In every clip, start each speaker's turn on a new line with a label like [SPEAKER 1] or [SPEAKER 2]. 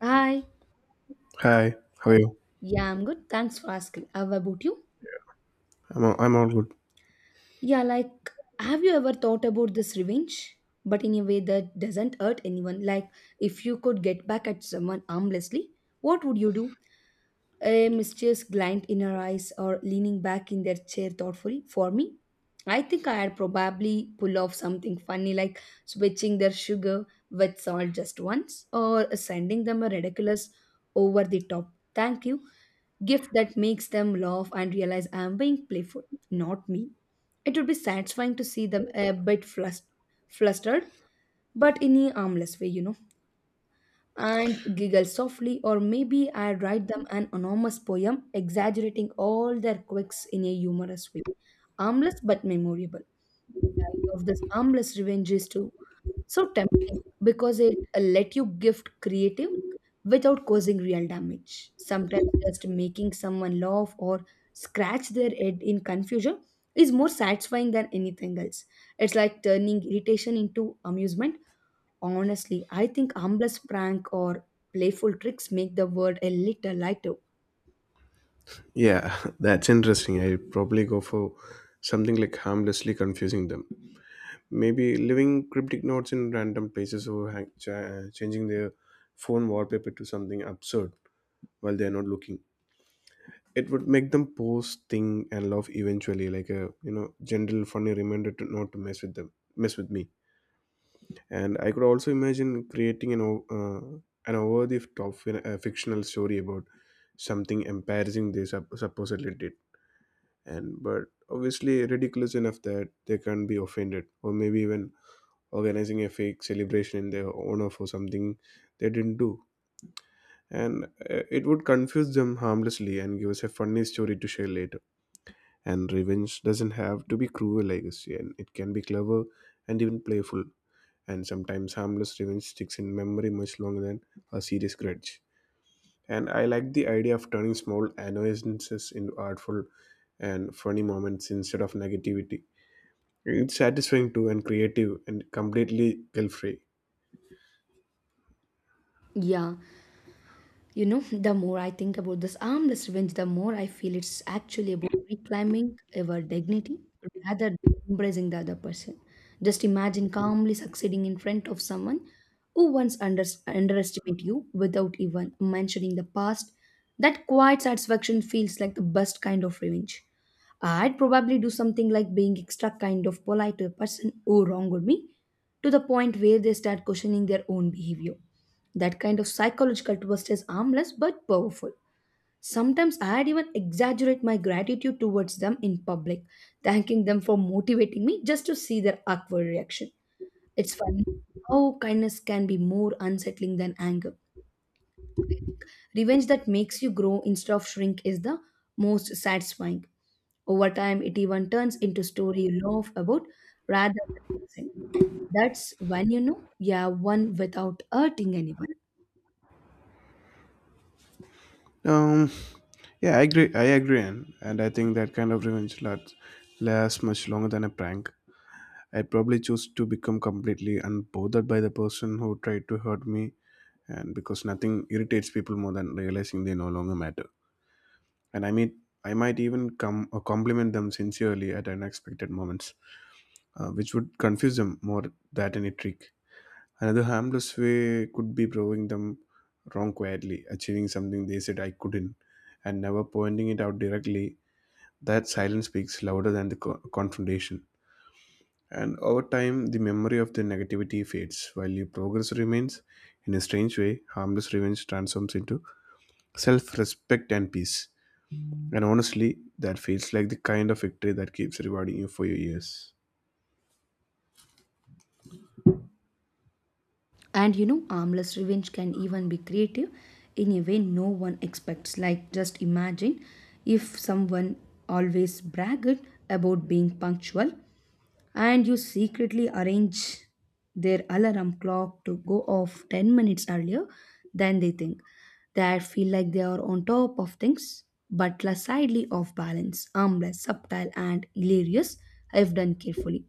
[SPEAKER 1] Hi.
[SPEAKER 2] Hi, how are you?
[SPEAKER 1] Yeah, I'm good. Thanks for asking. How about you?
[SPEAKER 2] I'm all good.
[SPEAKER 1] Yeah, like, have you ever thought about this revenge? But in a way that doesn't hurt anyone. Like, if you could get back at someone harmlessly, what would you do? A mischievous glint in her eyes or leaning back in their chair thoughtfully. For me, I think I'd probably pull off something funny like switching their sugar with salt just once or sending them a ridiculous over the top thank you gift that makes them laugh and realize I'm being playful, not me. It would be satisfying to see them a bit flustered, but in a harmless way, and giggle softly, or maybe I would write them an anonymous poem exaggerating all their quirks in a humorous way, harmless but memorable. Of this harmless revenge is to so tempting because it let you gift creative without causing real damage. Sometimes just making someone laugh or scratch their head in confusion is more satisfying than anything else. It's like turning irritation into amusement. Honestly, I think harmless prank or playful tricks make the world a little lighter.
[SPEAKER 2] Yeah, that's interesting. I probably go for something like harmlessly confusing them. Maybe leaving cryptic notes in random places or changing their phone wallpaper to something absurd while they're not looking. It would make them pause, think, and laugh eventually. Like a gentle funny reminder to not to mess with them, mess with me. And I could also imagine creating an over the top fictional story about something embarrassing they supposedly did, and but obviously ridiculous enough that they can't be offended, or maybe even organizing a fake celebration in their honor for something they didn't do. And it would confuse them harmlessly and give us a funny story to share later. And revenge doesn't have to be cruel, I guess, and it can be clever and even playful. And sometimes harmless revenge sticks in memory much longer than a serious grudge. And I like the idea of turning small annoyances into artful and funny moments instead of negativity. It's satisfying too, and creative, and completely guilt free.
[SPEAKER 1] Yeah. You know, the more I think about this armless revenge, the more I feel it's actually about reclaiming our dignity rather than embracing the other person. Just imagine calmly succeeding in front of someone who once underestimated you without even mentioning the past. That quiet satisfaction feels like the best kind of revenge. I'd probably do something like being extra kind of polite to a person who wronged me to the point where they start questioning their own behavior. That kind of psychological twist is harmless but powerful. Sometimes I'd even exaggerate my gratitude towards them in public, thanking them for motivating me just to see their awkward reaction. It's funny how kindness can be more unsettling than anger. Revenge that makes you grow instead of shrink is the most satisfying. Over time, it even turns into story you love about rather than missing. That's when you know you have one without hurting anyone.
[SPEAKER 2] Um, yeah, I agree. I agree, and I think that kind of revenge lasts, lasts much longer than a prank. I'd probably choose to become completely unbothered by the person who tried to hurt me, and because nothing irritates people more than realizing they no longer matter. And I mean, I might even come or compliment them sincerely at unexpected moments, which would confuse them more than any trick. Another harmless way could be proving them wrong quietly, achieving something they said I couldn't, and never pointing it out directly. That silence speaks louder than the confrontation. And over time, the memory of the negativity fades, while your progress remains. In a strange way, harmless revenge transforms into self respect and peace. And honestly, that feels like the kind of victory that keeps rewarding you for your years.
[SPEAKER 1] And you know, harmless revenge can even be creative in a way no one expects. Like, just imagine if someone always bragged about being punctual and you secretly arrange their alarm clock to go off 10 minutes earlier than they think. They feel like they are on top of things, but are slightly off balance, harmless, subtle, and hilarious if done carefully.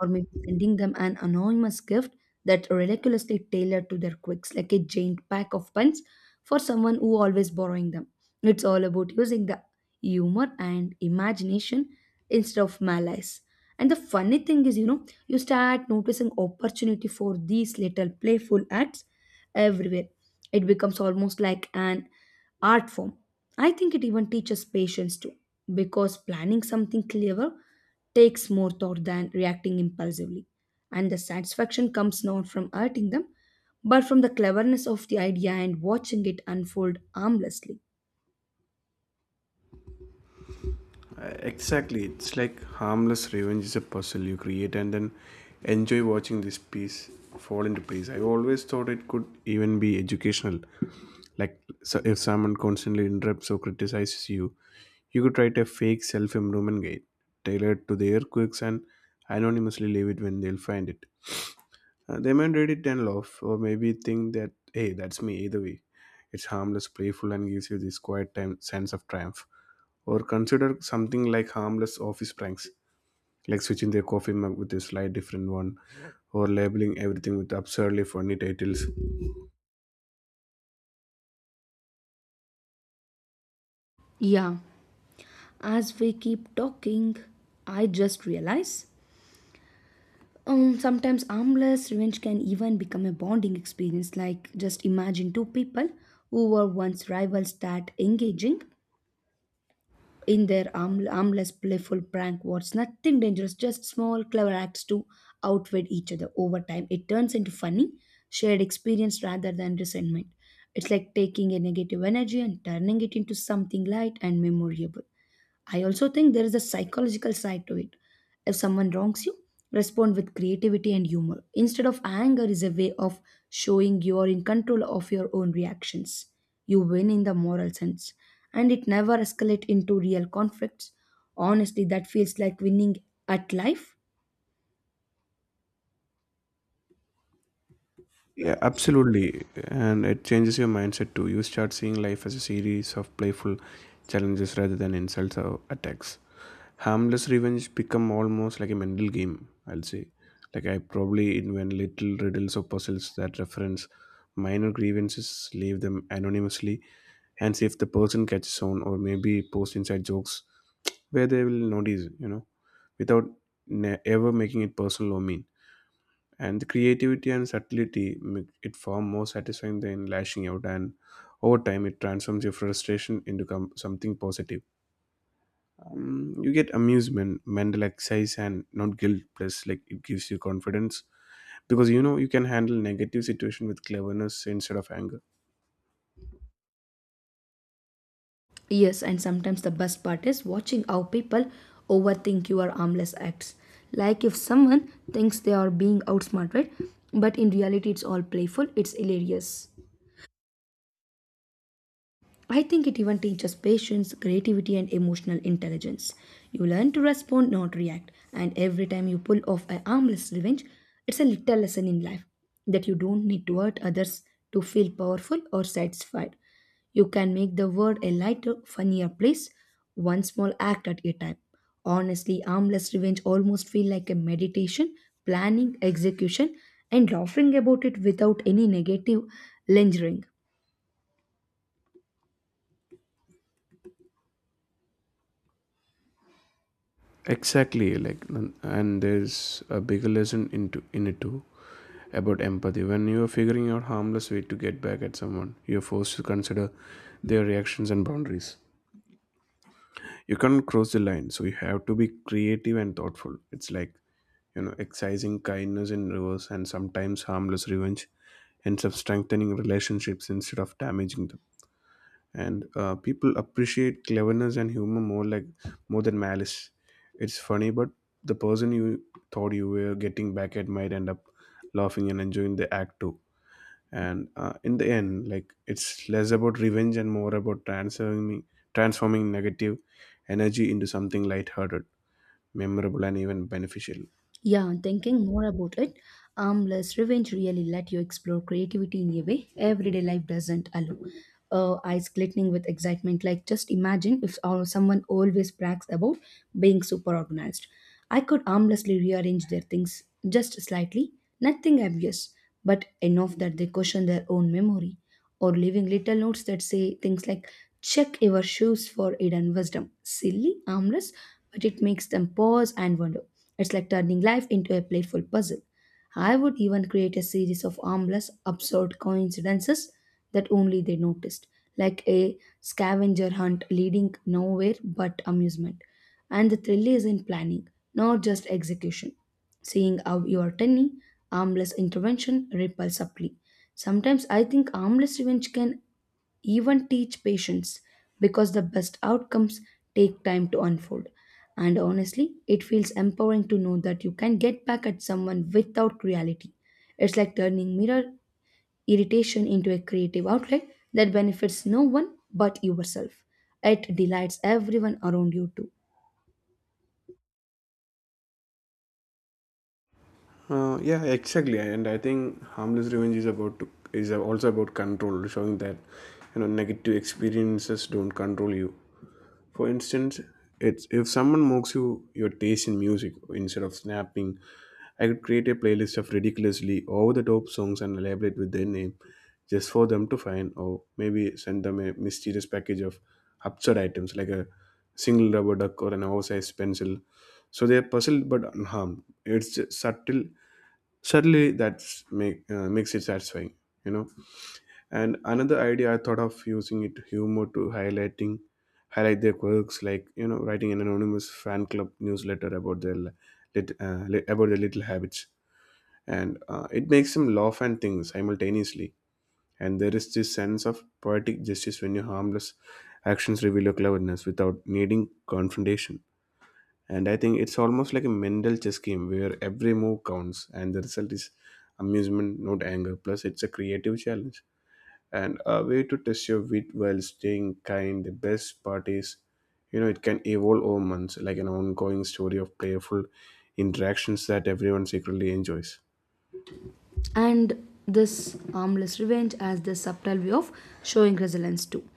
[SPEAKER 1] Or maybe sending them an anonymous gift that ridiculously tailored to their quirks, like a giant pack of pens for someone who always borrowing them. It's all about using the humor and imagination instead of malice. And the funny thing is, you know, you start noticing opportunity for these little playful acts everywhere. It becomes almost like an art form. I think it even teaches patience too, because planning something clever takes more thought than reacting impulsively. And the satisfaction comes not from hurting them, but from the cleverness of the idea and watching it unfold harmlessly.
[SPEAKER 2] Exactly, it's like harmless revenge is a puzzle you create and then enjoy watching this piece fall into place. I always thought it could even be educational. Like, so if someone constantly interrupts or criticizes you, you could write a fake self improvement guide tailored to their quirks and anonymously leave it when they'll find it. They might read it and laugh, or maybe think that, hey, that's me either way. It's harmless, playful, and gives you this quiet time, sense of triumph. Or consider something like harmless office pranks, like switching their coffee mug with a slight different one, or labeling everything with absurdly funny titles.
[SPEAKER 1] Yeah. As we keep talking, I just realize sometimes harmless revenge can even become a bonding experience. Like, just imagine two people who were once rivals start engaging in their harmless, playful prank wars. Nothing dangerous, just small, clever acts to outwit each other. Over time, it turns into funny, shared experience rather than resentment. It's like taking a negative energy and turning it into something light and memorable. I also think there is a psychological side to it. If someone wrongs you, respond with creativity and humor. Instead of anger is a way of showing you are in control of your own reactions. You win in the moral sense and it never escalate into real conflicts. Honestly, that feels like winning at life.
[SPEAKER 2] Yeah, absolutely. And it changes your mindset too. You start seeing life as a series of playful challenges rather than insults or attacks. Harmless revenge become almost like a mental game, I'll say. Like, I probably invent little riddles or puzzles that reference minor grievances, leave them anonymously, and see if the person catches on, or maybe post inside jokes where they will notice, you know, without ever making it personal or mean. And the creativity and subtlety make it far more satisfying than lashing out, and over time, it transforms your frustration into something positive. Mm, you get amusement, mental exercise, and not guilt. Plus, like, it gives you confidence because you know you can handle negative situation with cleverness instead of anger.
[SPEAKER 1] Yes, and sometimes the best part is watching how people overthink your harmless acts. Like if someone thinks they are being outsmarted, but in reality it's all playful, it's hilarious. I think it even teaches patience, creativity, and emotional intelligence. You learn to respond, not react, and every time you pull off a harmless revenge, it's a little lesson in life that you don't need to hurt others to feel powerful or satisfied. You can make the world a lighter, funnier place, one small act at a time. Honestly, harmless revenge almost feel like a meditation, planning, execution, and laughing about it without any negative lingering.
[SPEAKER 2] Exactly, like and there's a bigger lesson into in it too about empathy. When you are figuring out harmless way to get back at someone, you're forced to consider their reactions and boundaries. You can't cross the line, so you have to be creative and thoughtful. It's like, you know, excising kindness in reverse. And sometimes harmless revenge ends up strengthening relationships instead of damaging them. And people appreciate cleverness and humor more, like more than malice. It's funny, but the person you thought you were getting back at might end up laughing and enjoying the act too. And in the end, like, it's less about revenge and more about transforming negative energy into something lighthearted, memorable, and even beneficial.
[SPEAKER 1] Yeah, and thinking more about it, Armless Revenge really let you explore creativity in a way everyday life doesn't allow. Eyes glittering with excitement, like just imagine if someone always brags about being super organized. I could armlessly rearrange their things just slightly, nothing obvious, but enough that they question their own memory or leaving little notes that say things like, check your shoes for hidden wisdom. Silly, harmless, but it makes them pause and wonder. It's like turning life into a playful puzzle. I would even create a series of harmless, absurd coincidences that only they noticed, like a scavenger hunt leading nowhere but amusement. And the thrill is in planning, not just execution. Seeing how your tiny, armless intervention ripples subtly. Sometimes I think armless revenge can even teach patience because the best outcomes take time to unfold. And honestly, it feels empowering to know that you can get back at someone without cruelty. It's like turning mirror irritation into a creative outlet that benefits no one but yourself. It delights everyone around you too.
[SPEAKER 2] Yeah, exactly, and I think harmless revenge is is also about control, showing that, you know, negative experiences don't control you. For instance, it's if someone mocks you your taste in music, instead of snapping, I could create a playlist of ridiculously over-the-top songs and label it with their name, just for them to find, or maybe send them a mysterious package of absurd items like a single rubber duck or an oversized pencil. So they are puzzled but unharmed. It's just subtle. Certainly, that's make, makes it satisfying, you know. And another idea I thought of, using it humor to highlight their quirks, like, you know, writing an anonymous fan club newsletter about their about their little habits, and it makes them laugh and think simultaneously. And there is this sense of poetic justice when your harmless actions reveal your cleverness without needing confrontation. And I think it's almost like a mental chess game where every move counts and the result is amusement, not anger. Plus, it's a creative challenge and a way to test your wit while staying kind. The best part is, you know, it can evolve over months like an ongoing story of playful interactions that everyone secretly enjoys.
[SPEAKER 1] And this harmless revenge as the subtle way of showing resilience too.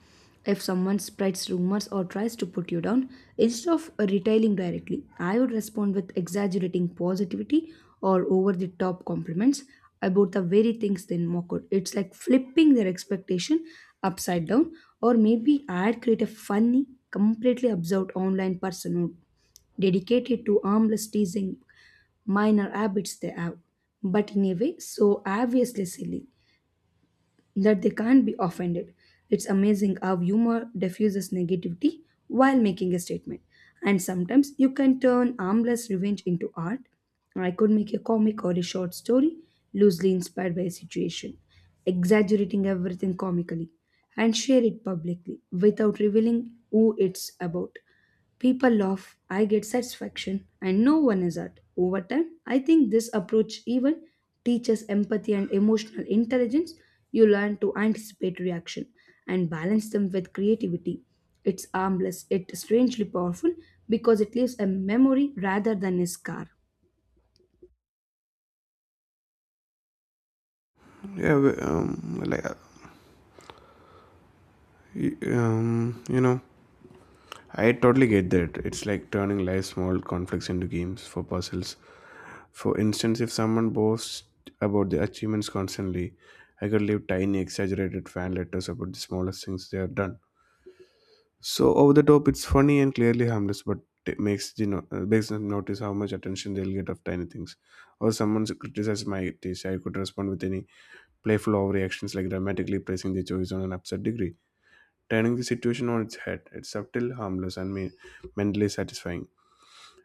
[SPEAKER 1] If someone spreads rumors or tries to put you down, instead of retailing directly, I would respond with exaggerating positivity or over the top compliments about the very things they mock out. It's like flipping their expectation upside down, or maybe I'd create a funny, completely absurd online persona dedicated to harmless teasing minor habits they have, but in a way so obviously silly that they can't be offended. It's amazing how humor diffuses negativity while making a statement. And sometimes you can turn harmless revenge into art. I could make a comic or a short story loosely inspired by a situation, exaggerating everything comically, and share it publicly without revealing who it's about. People laugh, I get satisfaction, and no one is hurt. Over time, I think this approach even teaches empathy and emotional intelligence. You learn to anticipate reaction and balance them with creativity. It's harmless, it's strangely powerful because it leaves a memory rather than a scar.
[SPEAKER 2] Yeah we- like y- you know I totally get that. It's like turning life small conflicts into games for puzzles. For instance, if someone boasts about their achievements constantly, I could leave tiny, exaggerated fan letters about the smallest things they have done. So over the top, it's funny and clearly harmless, but it makes the makes them notice how much attention they'll get of tiny things. Or someone criticizes my taste, I could respond with any playful overreactions, like dramatically praising their choice on an absurd degree, turning the situation on its head. It's subtle, harmless, and mentally satisfying.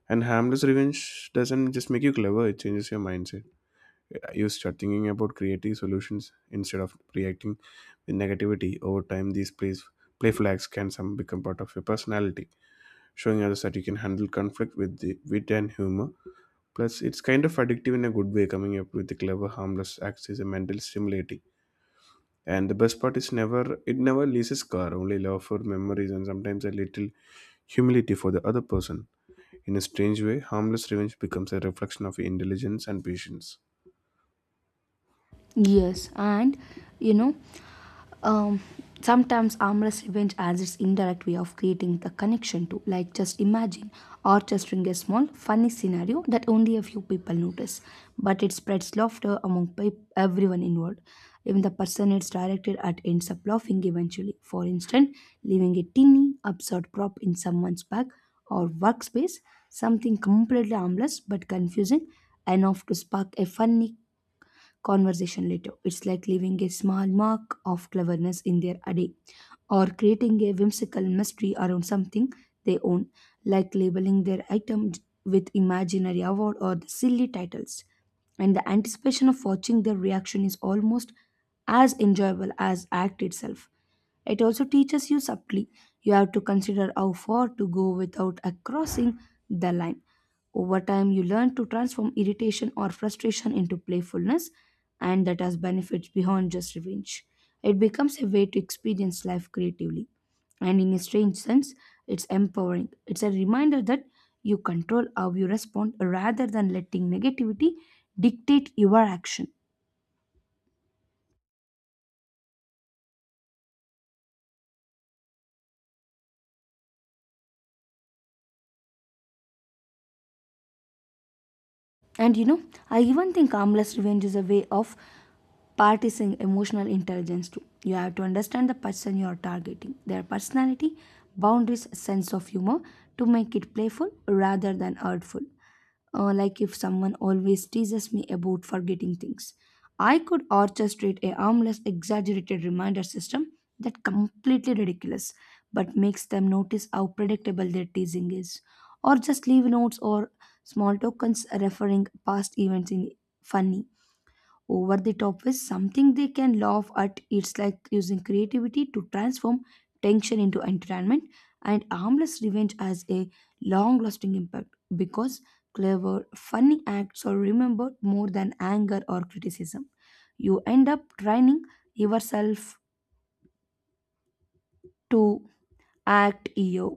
[SPEAKER 2] And harmless revenge doesn't just make you clever; it changes your mindset. You start thinking about creating solutions instead of reacting with negativity. Over time, these plays play flags can some become part of your personality, showing others that you can handle conflict with the wit and humor. Plus, it's kind of addictive in a good way. Coming up with the clever harmless acts is a mental stimulating, and the best part is never it never leaves a scar, only love for memories, and sometimes a little humility for the other person. In a strange way, harmless revenge becomes a reflection of your intelligence and patience.
[SPEAKER 1] Yes, and you know, um, sometimes harmless revenge as its indirect way of creating the connection to like just imagine orchestrating a small funny scenario that only a few people notice but it spreads laughter among everyone involved even the person it's directed at ends up laughing eventually for instance leaving a teeny absurd prop in someone's bag or workspace something completely harmless but confusing enough to spark a funny conversation later. It's like leaving a small mark of cleverness in their day or creating a whimsical mystery around something they own, like labeling their item with imaginary award or the silly titles. And the anticipation of watching their reaction is almost as enjoyable as act itself. It also teaches you subtly you have to consider how far to go without crossing the line over time, you learn to transform irritation or frustration into playfulness, and that has benefits beyond just revenge. It becomes a way to experience life creatively. And in a strange sense, it's empowering. It's a reminder that you control how you respond rather than letting negativity dictate your action. And you know, I even think harmless revenge is a way of practicing emotional intelligence too. You have to understand the person you are targeting, their personality, boundaries, sense of humor to make it playful rather than hurtful. Like if someone always teases me about forgetting things, I could orchestrate a harmless, exaggerated reminder system that completely ridiculous but makes them notice how predictable their teasing is or just leave notes or small tokens referring past events in funny, over the top is something they can laugh at. It's like using creativity to transform tension into entertainment and harmless revenge has a long lasting impact because clever, funny acts are remembered more than anger or criticism. You end up training yourself to act EO